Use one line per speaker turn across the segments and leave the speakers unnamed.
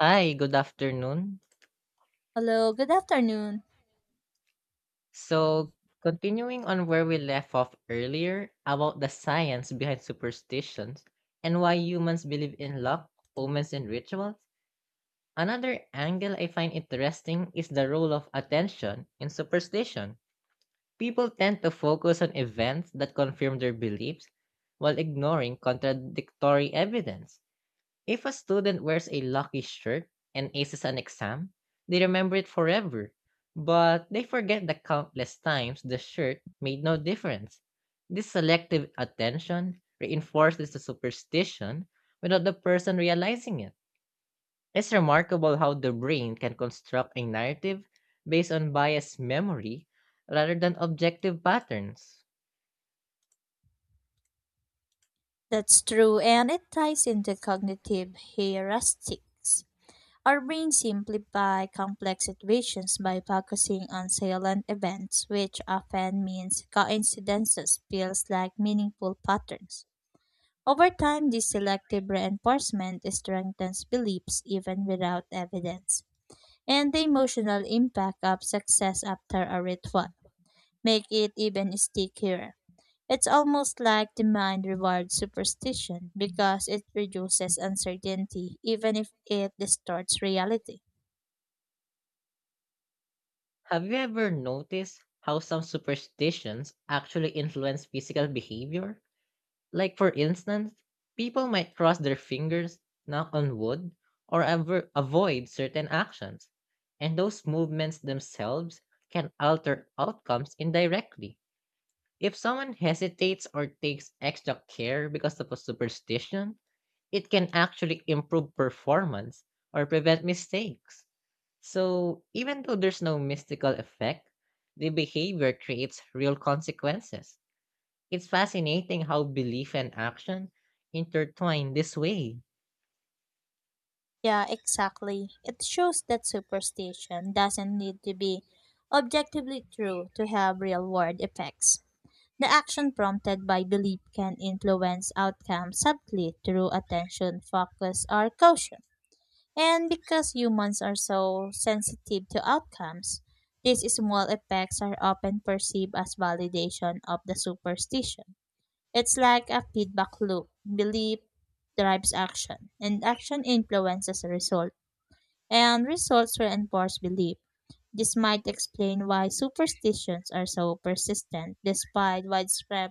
Hi, good afternoon.
Hello, good afternoon.
So, continuing on where we left off earlier about the science behind superstitions and why humans believe in luck, omens, and rituals, another angle I find interesting is the role of attention in superstition. People tend to focus on events that confirm their beliefs while ignoring contradictory evidence. If a student wears a lucky shirt and aces an exam, they remember it forever, but they forget the countless times the shirt made no difference. This selective attention reinforces the superstition without the person realizing it. It's remarkable how the brain can construct a narrative based on biased memory rather than objective patterns.
That's true, and it ties into cognitive heuristics. Our brains simplify complex situations by focusing on silent events, which often means coincidences feels like meaningful patterns. Over time, this selective reinforcement strengthens beliefs even without evidence, and the emotional impact of success after a ritual make it even stickier. It's almost like demand rewards superstition because it reduces uncertainty even if it distorts reality.
Have you ever noticed how some superstitions actually influence physical behavior? Like, for instance, people might cross their fingers, knock on wood, or avoid certain actions, and those movements themselves can alter outcomes indirectly. If someone hesitates or takes extra care because of a superstition, it can actually improve performance or prevent mistakes. So, even though there's no mystical effect, the behavior creates real consequences. It's fascinating how belief and action intertwine this way.
Yeah, exactly. It shows that superstition doesn't need to be objectively true to have real world effects. The action prompted by belief can influence outcomes subtly through attention, focus, or caution. And because humans are so sensitive to outcomes, these small effects are often perceived as validation of the superstition. It's like a feedback loop. Belief drives action, and action influences result, and results reinforce belief. This might explain why superstitions are so persistent despite widespread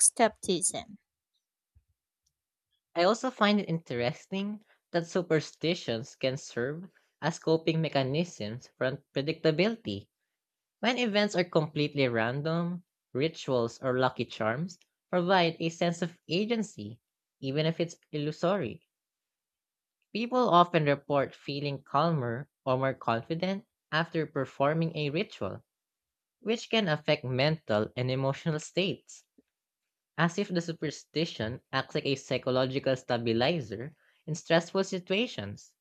skepticism.
I also find it interesting that superstitions can serve as coping mechanisms for predictability. When events are completely random, rituals or lucky charms provide a sense of agency, even if it's illusory. People often report feeling calmer or more confident after performing a ritual, which can affect mental and emotional states, as if the superstition acts like a psychological stabilizer in stressful situations.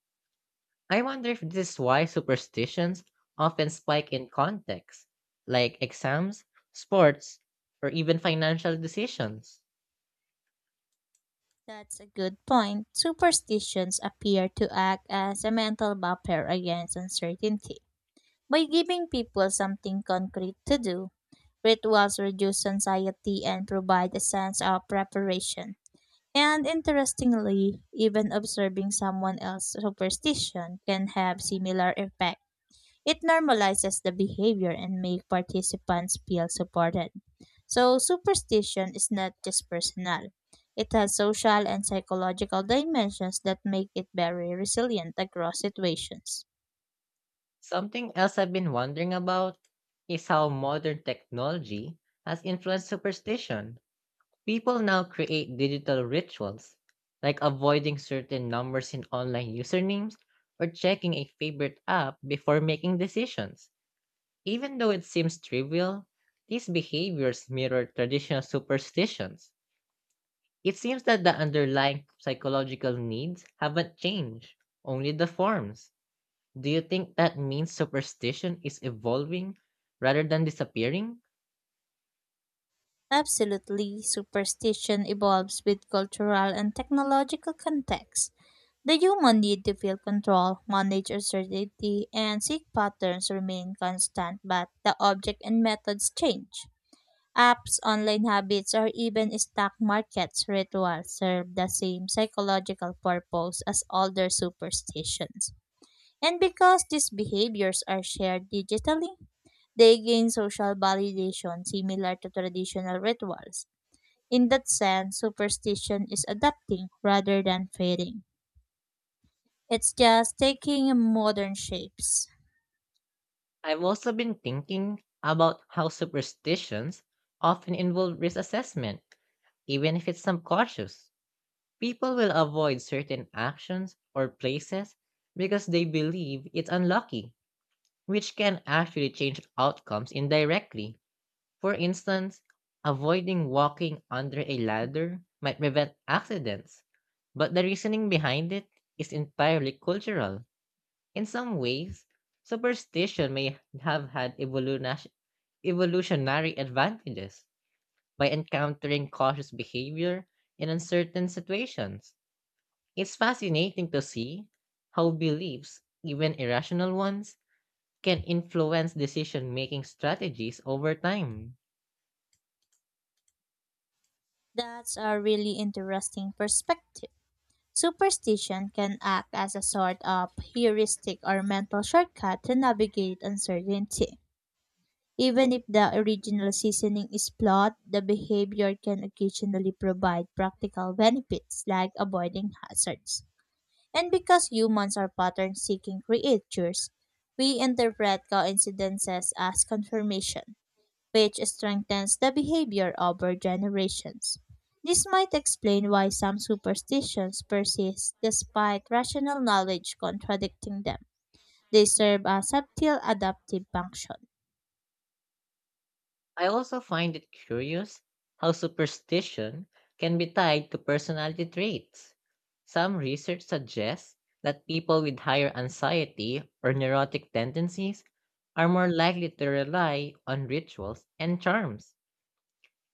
I wonder if this is why superstitions often spike in contexts like exams, sports, or even financial decisions.
That's a good point. Superstitions appear to act as a mental buffer against uncertainty. By giving people something concrete to do, rituals reduce anxiety and provide a sense of preparation. And interestingly, even observing someone else's superstition can have similar effects. It normalizes the behavior and make participants feel supported. So superstition is not just personal. It has social and psychological dimensions that make it very resilient across situations.
Something else I've been wondering about is how modern technology has influenced superstition. People now create digital rituals, like avoiding certain numbers in online usernames or checking a favorite app before making decisions. Even though it seems trivial, these behaviors mirror traditional superstitions. It seems that the underlying psychological needs haven't changed, only the forms. Do you think that means superstition is evolving rather than disappearing?
Absolutely, superstition evolves with cultural and technological context. The human need to feel control, manage uncertainty, and seek patterns remain constant, but the object and methods change. Apps, online habits, or even stock markets rituals serve the same psychological purpose as older superstitions. And because these behaviors are shared digitally, they gain social validation similar to traditional rituals. In that sense, superstition is adapting rather than fading. It's just taking modern shapes.
I've also been thinking about how superstitions often involve risk assessment, even if it's subconscious. People will avoid certain actions or places because they believe it's unlucky, which can actually change outcomes indirectly. For instance, avoiding walking under a ladder might prevent accidents, but the reasoning behind it is entirely cultural. In some ways, superstition may have had evolutionary advantages by encountering cautious behavior in uncertain situations. It's fascinating to see how beliefs, even irrational ones, can influence decision making strategies over time.
That's a really interesting perspective. Superstition can act as a sort of heuristic or mental shortcut to navigate uncertainty. Even if the original seasoning is flawed, the behavior can occasionally provide practical benefits like avoiding hazards. And because humans are pattern seeking creatures, we interpret coincidences as confirmation, which strengthens the behavior over generations. This might explain why some superstitions persist despite rational knowledge contradicting them. They serve a subtle adaptive function.
I also find it curious how superstition can be tied to personality traits. Some research suggests that people with higher anxiety or neurotic tendencies are more likely to rely on rituals and charms.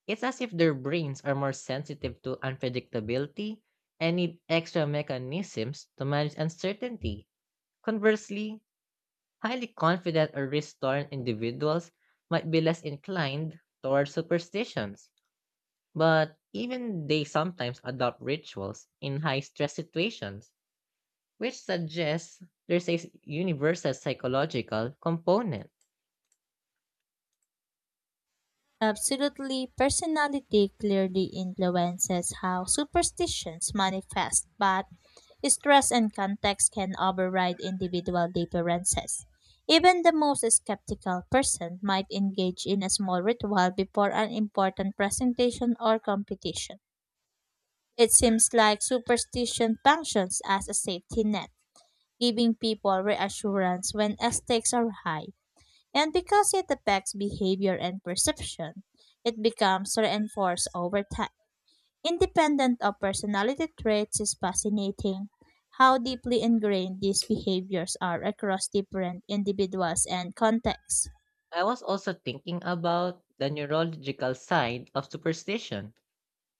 It's as if their brains are more sensitive to unpredictability and need extra mechanisms to manage uncertainty. Conversely, highly confident or risk-torn individuals might be less inclined toward superstitions, but even they sometimes adopt rituals in high-stress situations, which suggests there's a universal psychological component.
Absolutely, personality clearly influences how superstitions manifest, but stress and context can override individual differences. Even the most skeptical person might engage in a small ritual before an important presentation or competition. It seems like superstition functions as a safety net, giving people reassurance when stakes are high. And because it affects behavior and perception, it becomes reinforced over time. Independent of personality traits, is fascinating how deeply ingrained these behaviors are across different individuals and contexts.
I was also thinking about the neurological side of superstition.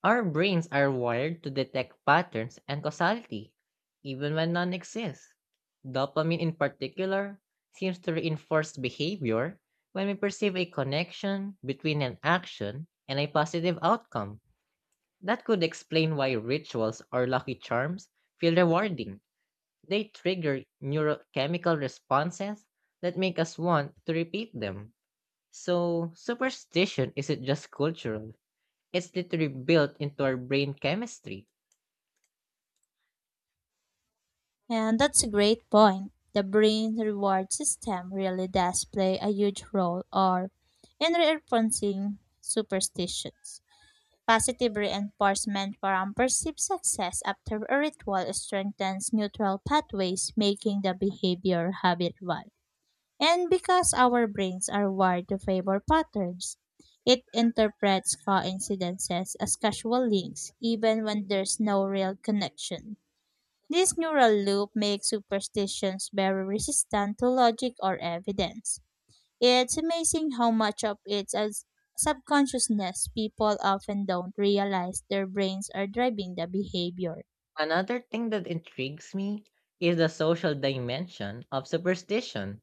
Our brains are wired to detect patterns and causality, even when none exist. Dopamine, in particular, seems to reinforce behavior when we perceive a connection between an action and a positive outcome. That could explain why rituals or lucky charms feel rewarding. They trigger neurochemical responses that make us want to repeat them. So, superstition isn't just cultural, it's literally built into our brain chemistry.
And that's a great point. The brain reward system really does play a huge role or in reinforcing superstitions. Positive reinforcement from perceived success after a ritual strengthens neutral pathways, making the behavior habitual. And because our brains are wired to favor patterns, it interprets coincidences as casual links, even when there's no real connection. This neural loop makes superstitions very resistant to logic or evidence. It's amazing how much of it's as subconsciousness people often don't realize their brains are driving the behavior.
Another thing that intrigues me is the social dimension of superstition.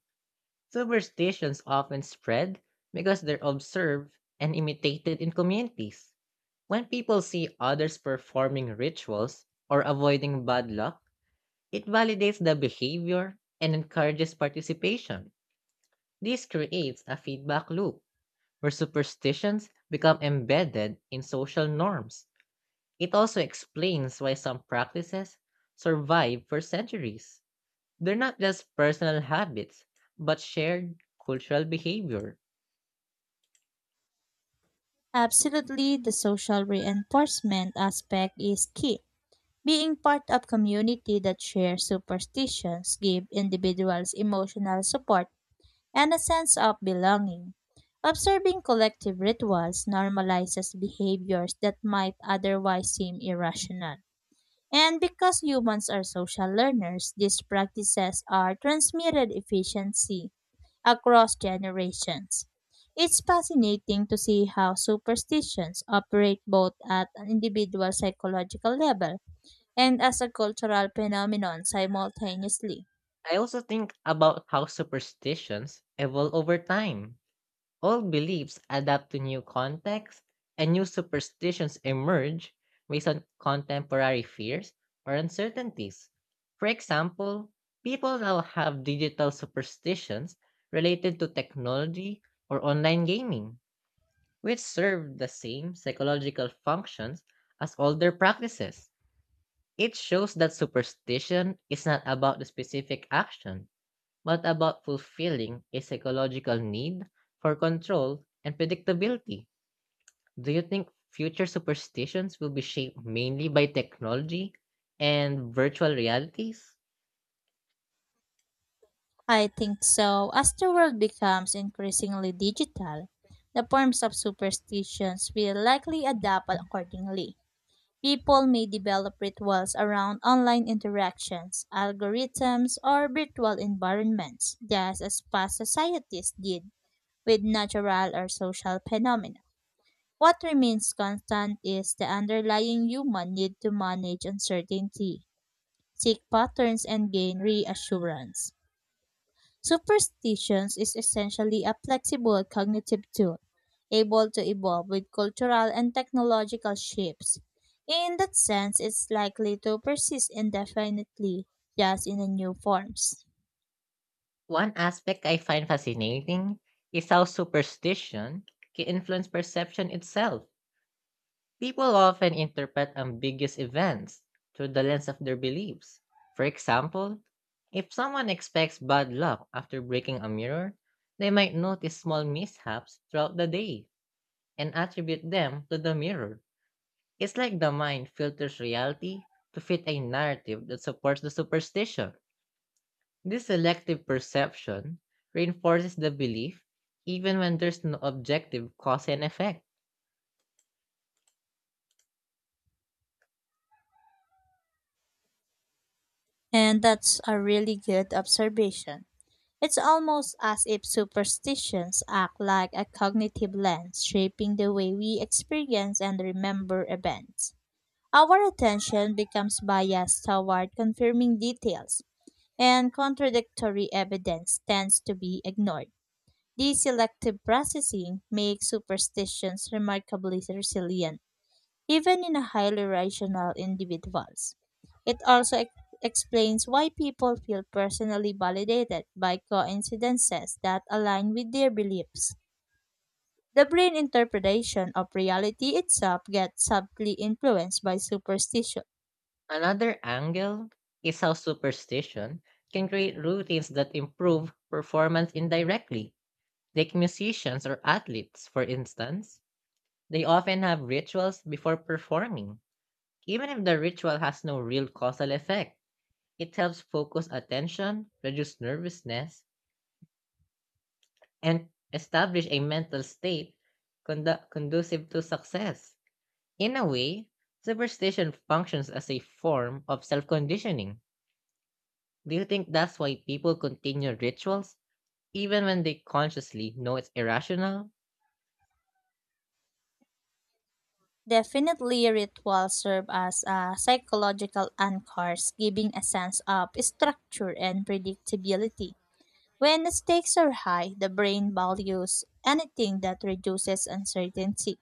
Superstitions often spread because they're observed and imitated in communities. When people see others performing rituals or avoiding bad luck, it validates the behavior and encourages participation. This creates a feedback loop where superstitions become embedded in social norms. It also explains why some practices survive for centuries. They're not just personal habits, but shared cultural behavior.
Absolutely, the social reinforcement aspect is key. Being part of community that share superstitions give individuals emotional support and a sense of belonging. Observing collective rituals normalizes behaviors that might otherwise seem irrational. And because humans are social learners, these practices are transmitted efficiency across generations. It's fascinating to see how superstitions operate both at an individual psychological level and as a cultural phenomenon simultaneously.
I also think about how superstitions evolve over time. Old beliefs adapt to new contexts, and new superstitions emerge based on contemporary fears or uncertainties. For example, people now have digital superstitions related to technology or online gaming, which serve the same psychological functions as older practices. It shows that superstition is not about the specific action, but about fulfilling a psychological need for control and predictability. Do you think future superstitions will be shaped mainly by technology and virtual realities?
I think so. As the world becomes increasingly digital, the forms of superstitions will likely adapt accordingly. People may develop rituals around online interactions, algorithms, or virtual environments, just as past societies did with natural or social phenomena. What remains constant is the underlying human need to manage uncertainty, seek patterns, and gain reassurance. Superstitions is essentially a flexible cognitive tool, able to evolve with cultural and technological shifts. In that sense, it's likely to persist indefinitely, just in a new forms.
One aspect I find fascinating is how superstition can influence perception itself. People often interpret ambiguous events through the lens of their beliefs. For example, if someone expects bad luck after breaking a mirror, they might notice small mishaps throughout the day and attribute them to the mirror. It's like the mind filters reality to fit a narrative that supports the superstition. This selective perception reinforces the belief even when there's no objective cause and effect.
And that's a really good observation. It's almost as if superstitions act like a cognitive lens, shaping the way we experience and remember events. Our attention becomes biased toward confirming details, and contradictory evidence tends to be ignored. This selective processing makes superstitions remarkably resilient, even in a highly rational individuals. It also explains why people feel personally validated by coincidences that align with their beliefs. The brain interpretation of reality itself gets subtly influenced by superstition.
Another angle is how superstition can create routines that improve performance indirectly. Like musicians or athletes, for instance, they often have rituals before performing. Even if the ritual has no real causal effect, it helps focus attention, reduce nervousness, and establish a mental state conducive to success. In a way, superstition functions as a form of self conditioning. Do you think that's why people continue rituals, even when they consciously know it's irrational?
Definitely, rituals serve as a psychological anchors, giving a sense of structure and predictability. When stakes are high, the brain values anything that reduces uncertainty,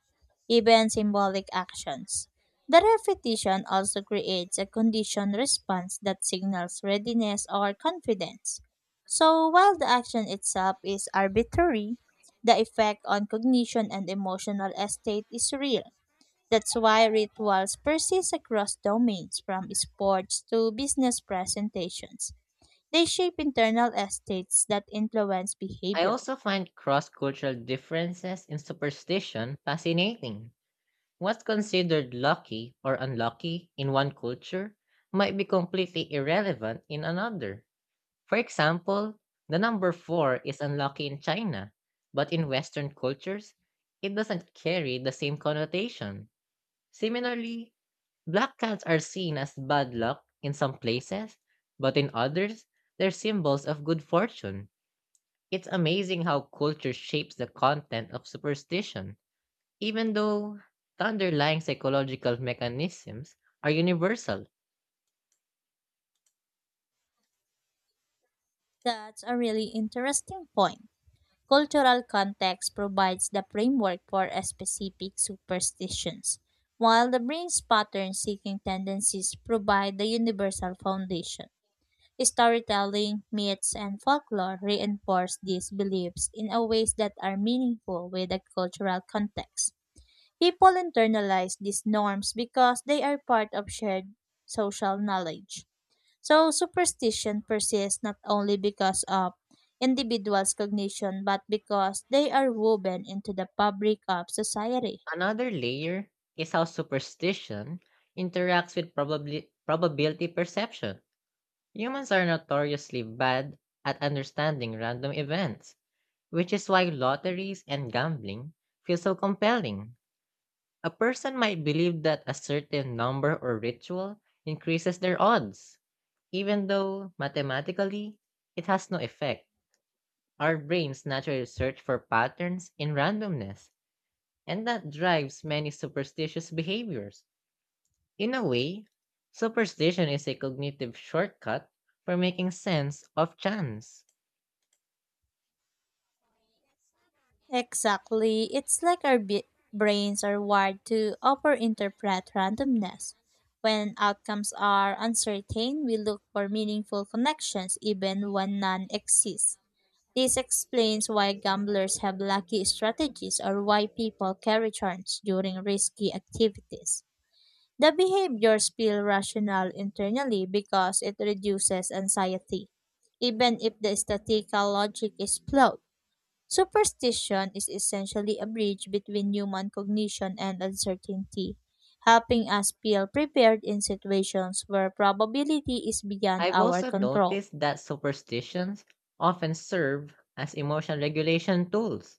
even symbolic actions. The repetition also creates a conditioned response that signals readiness or confidence. So, while the action itself is arbitrary, the effect on cognition and emotional state is real. That's why rituals persist across domains, from sports to business presentations. They shape internal estates that influence
I
behavior.
also find cross cultural differences in superstition fascinating. What's considered lucky or unlucky in one culture might be completely irrelevant in another. For example, the number four is unlucky in China, but in Western cultures, it doesn't carry the same connotation. Similarly, black cats are seen as bad luck in some places, but in others, they're symbols of good fortune. It's amazing how culture shapes the content of superstition, even though the underlying psychological mechanisms are universal.
That's a really interesting point. Cultural context provides the framework for specific superstitions, while the brain's pattern seeking tendencies provide the universal foundation. Storytelling, myths, and folklore reinforce these beliefs in a ways that are meaningful with the cultural context. People internalize these norms because they are part of shared social knowledge. So superstition persists not only because of individuals' cognition but because they are woven into the fabric of society.
Another layer is how superstition interacts with probability perception. Humans are notoriously bad at understanding random events, which is why lotteries and gambling feel so compelling. A person might believe that a certain number or ritual increases their odds, even though mathematically it has no effect. Our brains naturally search for patterns in randomness, and that drives many superstitious behaviors. In a way, superstition is a cognitive shortcut for making sense of chance.
Exactly. It's like our brains are wired to overinterpret randomness. When outcomes are uncertain, we look for meaningful connections even when none exist. This explains why gamblers have lucky strategies or why people carry turns during risky activities. The behaviors feel rational internally because it reduces anxiety, even if the statistical logic is flawed. Superstition is essentially a bridge between human cognition and uncertainty, helping us feel prepared in situations where probability is beyond
I've
our
also
control.
noticed that superstitions often serve as emotional regulation tools.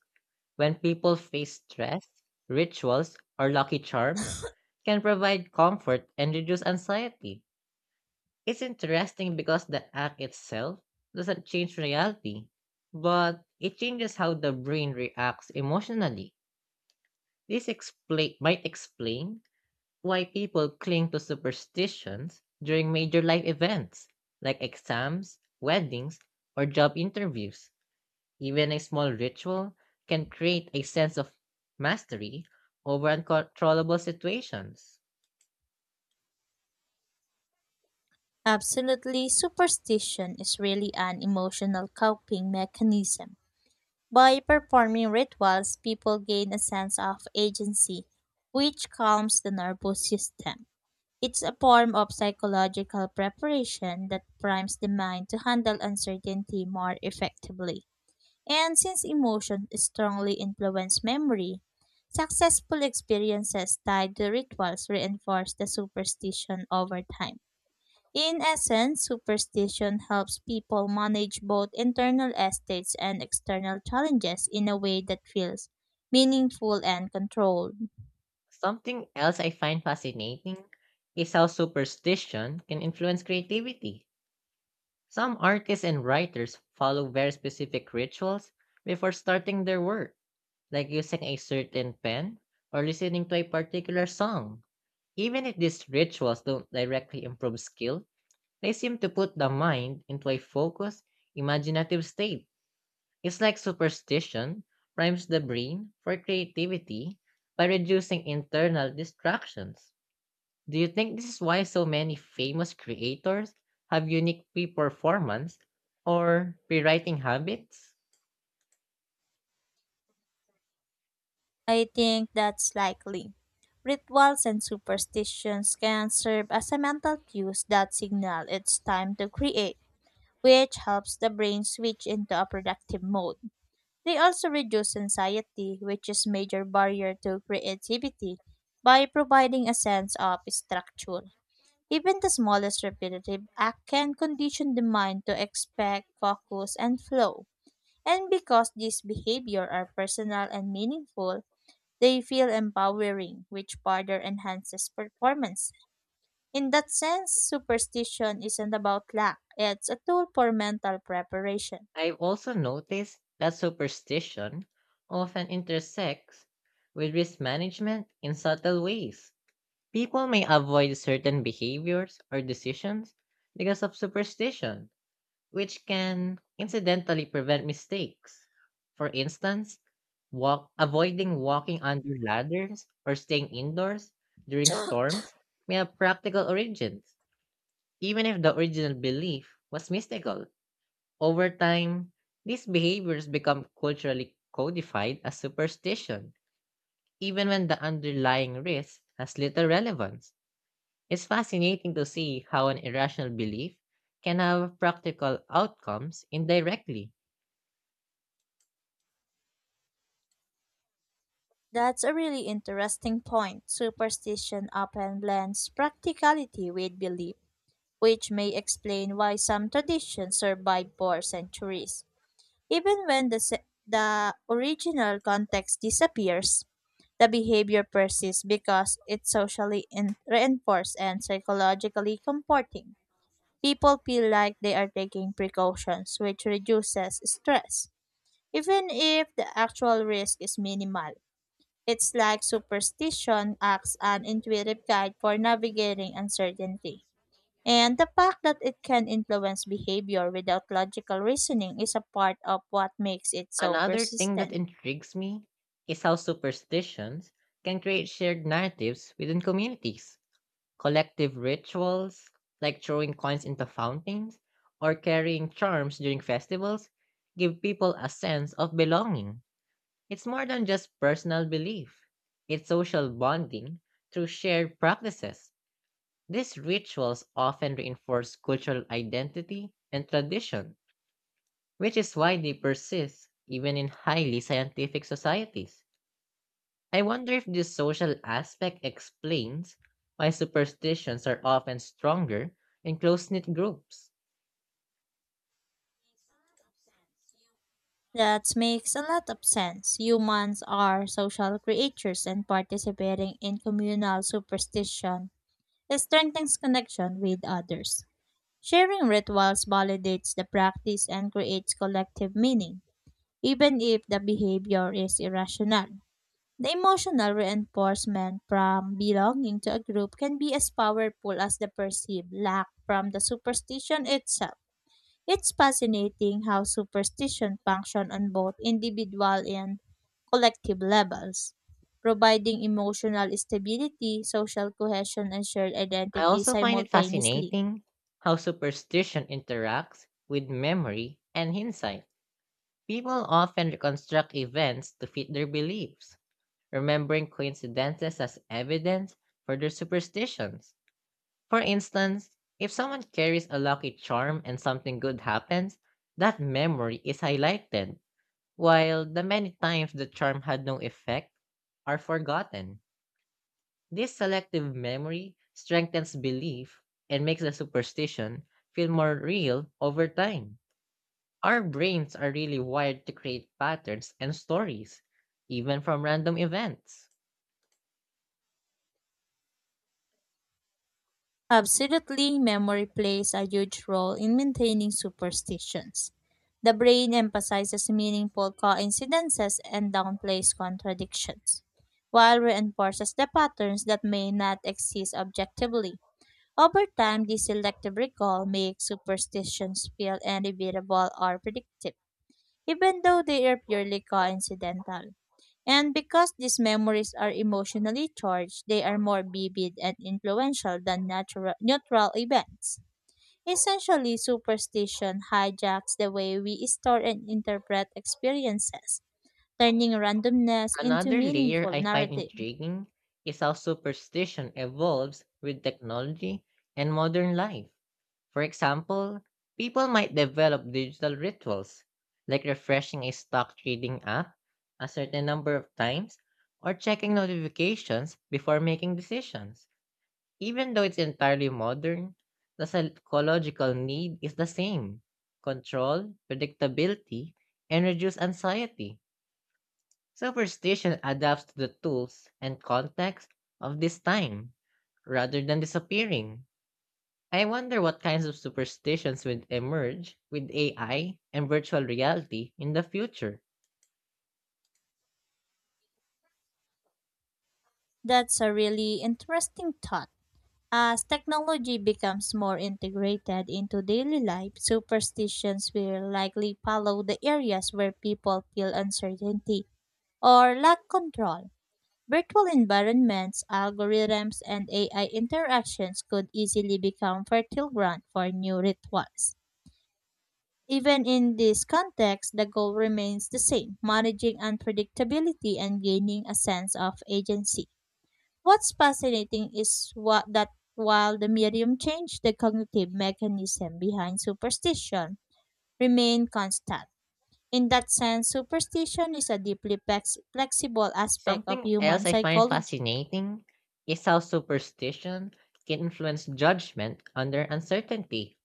When people face stress, rituals, or lucky charms can provide comfort and reduce anxiety. It's interesting because the act itself doesn't change reality, but it changes how the brain reacts emotionally. This might explain why people cling to superstitions during major life events like exams, weddings, or job interviews. Even a small ritual can create a sense of mastery over uncontrollable situations.
Absolutely, superstition is really an emotional coping mechanism. By performing rituals, people gain a sense of agency, which calms the nervous system. It's a form of psychological preparation that primes the mind to handle uncertainty more effectively. And since emotions strongly influence memory, successful experiences tied to rituals reinforce the superstition over time. In essence, superstition helps people manage both internal estates and external challenges in a way that feels meaningful and controlled.
Something else I find fascinating is how superstition can influence creativity. Some artists and writers follow very specific rituals before starting their work, like using a certain pen or listening to a particular song. Even if these rituals don't directly improve skill, they seem to put the mind into a focused, imaginative state. It's like superstition primes the brain for creativity by reducing internal distractions. Do you think this is why so many famous creators have unique pre performance or pre writing habits?
I think that's likely. Rituals and superstitions can serve as a mental cues that signal it's time to create, which helps the brain switch into a productive mode. They also reduce anxiety, which is major barrier to creativity, by providing a sense of structure. Even the smallest repetitive act can condition the mind to expect focus and flow. And because these behavior are personal and meaningful, they feel empowering, which further enhances performance. In that sense, superstition isn't about luck, it's a tool for mental preparation.
I've also noticed that superstition often intersects with risk management in subtle ways. People may avoid certain behaviors or decisions because of superstition, which can incidentally prevent mistakes. For instance, avoiding walking under ladders or staying indoors during storms may have practical origins, even if the original belief was mystical. Over time, these behaviors become culturally codified as superstition, even when the underlying risk has little relevance. It's fascinating to see how an irrational belief can have practical outcomes indirectly.
That's a really interesting point. Superstition often blends practicality with belief, which may explain why some traditions survive for centuries. Even when the original context disappears, the behavior persists because it's socially reinforced and psychologically comforting. People feel like they are taking precautions, which reduces stress, even if the actual risk is minimal. It's like superstition acts an intuitive guide for navigating uncertainty. And the fact that it can influence behavior without logical reasoning is a part of what makes it so
Another thing that
persistent.
intrigues me is how superstitions can create shared narratives within communities. Collective rituals, like throwing coins into fountains or carrying charms during festivals, give people a sense of belonging. It's more than just personal belief, it's social bonding through shared practices. These rituals often reinforce cultural identity and tradition, which is why they persist even in highly scientific societies. I wonder if this social aspect explains why superstitions are often stronger in close knit groups.
That makes a lot of sense. Humans are social creatures and participating in communal superstition strengthens connection with others. Sharing rituals validates the practice and creates collective meaning, even if the behavior is irrational. The emotional reinforcement from belonging to a group can be as powerful as the perceived lack from the superstition itself. It's fascinating how superstition function on both individual and collective levels, providing emotional stability, social cohesion, and shared
I
identity
also find it
simultaneously.
fascinating how superstition interacts with memory and hindsight. People often reconstruct events to fit their beliefs, remembering coincidences as evidence for their superstitions. For instance, if someone carries a lucky charm and something good happens, that memory is highlighted while the many times the charm had no effect are forgotten. This selective memory strengthens belief and makes the superstition feel more real over time. Our brains are really wired to create patterns and stories, even from random events.
Absolutely, memory plays a huge role in maintaining superstitions. The brain emphasizes meaningful coincidences and downplays contradictions, while reinforces the patterns that may not exist objectively. Over time, this selective recall makes superstitions feel inevitable or predictive, even though they are purely coincidental. And because these memories are emotionally charged, they are more vivid and influential than natural, neutral events. Essentially, superstition hijacks the way we store and interpret experiences, turning randomness into
Another layer
meaningful
I find
narrative.
intriguing is how superstition evolves with technology and modern life. For example, people might develop digital rituals, like refreshing a stock trading app a certain number of times or checking notifications before making decisions. Even though it's entirely modern, the psychological need is the same: control, predictability, and reduced anxiety. Superstition adapts to the tools and context of this time rather than disappearing. I wonder what kinds of superstitions would emerge with AI and virtual reality in the future.
That's a really interesting thought. As technology becomes more integrated into daily life, superstitions will likely follow the areas where people feel uncertainty or lack control. Virtual environments, algorithms, and AI interactions could easily become fertile ground for new rituals. Even in this context, the goal remains the same managing unpredictability and gaining a sense of agency. What's fascinating is that while the medium changed, the cognitive mechanism behind superstition remained constant. In that sense, superstition is a deeply flexible aspect of
Something
human
else I find
psychology.
fascinating is how superstition can influence judgment under uncertainty.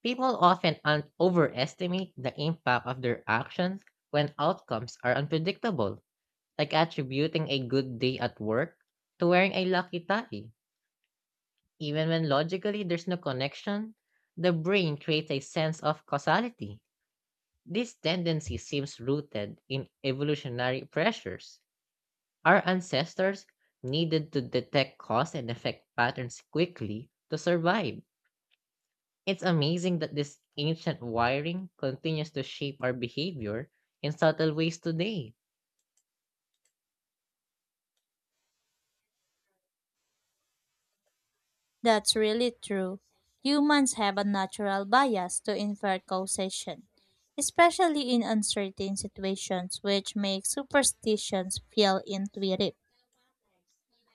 People often overestimate the impact of their actions when outcomes are unpredictable, like attributing a good day at work to wearing a lucky tie. Even when logically there's no connection, the brain creates a sense of causality. This tendency seems rooted in evolutionary pressures. Our ancestors needed to detect cause and effect patterns quickly to survive. It's amazing that this ancient wiring continues to shape our behavior in subtle ways today.
That's really true. Humans have a natural bias to infer causation, especially in uncertain situations, which makes superstitions feel intuitive.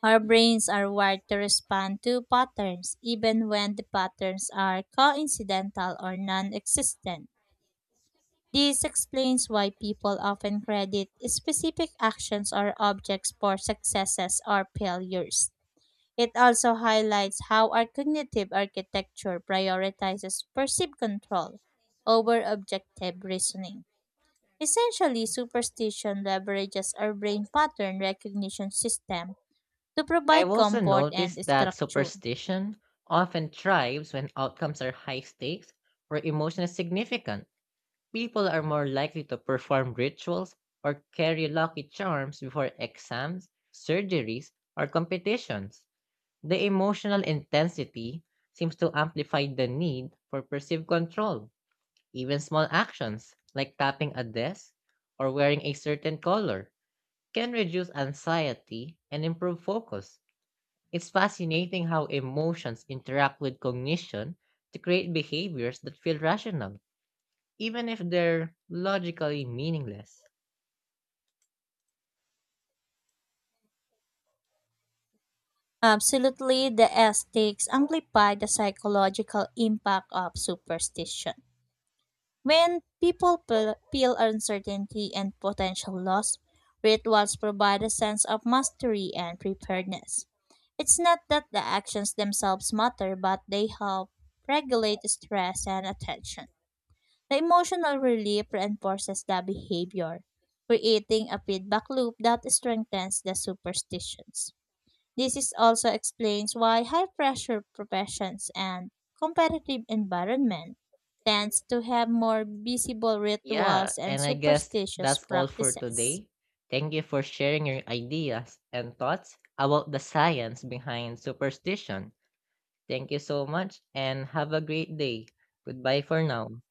Our brains are wired to respond to patterns, even when the patterns are coincidental or non existent. This explains why people often credit specific actions or objects for successes or failures. It also highlights how our cognitive architecture prioritizes perceived control over objective reasoning. Essentially, superstition leverages our brain pattern recognition system to
I've
provide
also
comfort and
noticed that
structure.
superstition often thrives when outcomes are high stakes or emotion is significant. People are more likely to perform rituals or carry lucky charms before exams, surgeries, or competitions. The emotional intensity seems to amplify the need for perceived control. Even small actions, like tapping a desk or wearing a certain color, can reduce anxiety and improve focus. It's fascinating how emotions interact with cognition to create behaviors that feel rational, even if they're logically meaningless.
Absolutely, the aesthetics amplify the psychological impact of superstition. When people feel uncertainty and potential loss, rituals provide a sense of mastery and preparedness. It's not that the actions themselves matter, but they help regulate stress and attention. The emotional relief reinforces the behavior, creating a feedback loop that strengthens the superstitions. This is also explains why high-pressure professions and competitive environment tends to have more visible
Yeah,
rituals and
and I guess
superstitious
that's all for
practices.
today. Thank you for sharing your ideas and thoughts about the science behind superstition. Thank you so much and have a great day. Goodbye for now.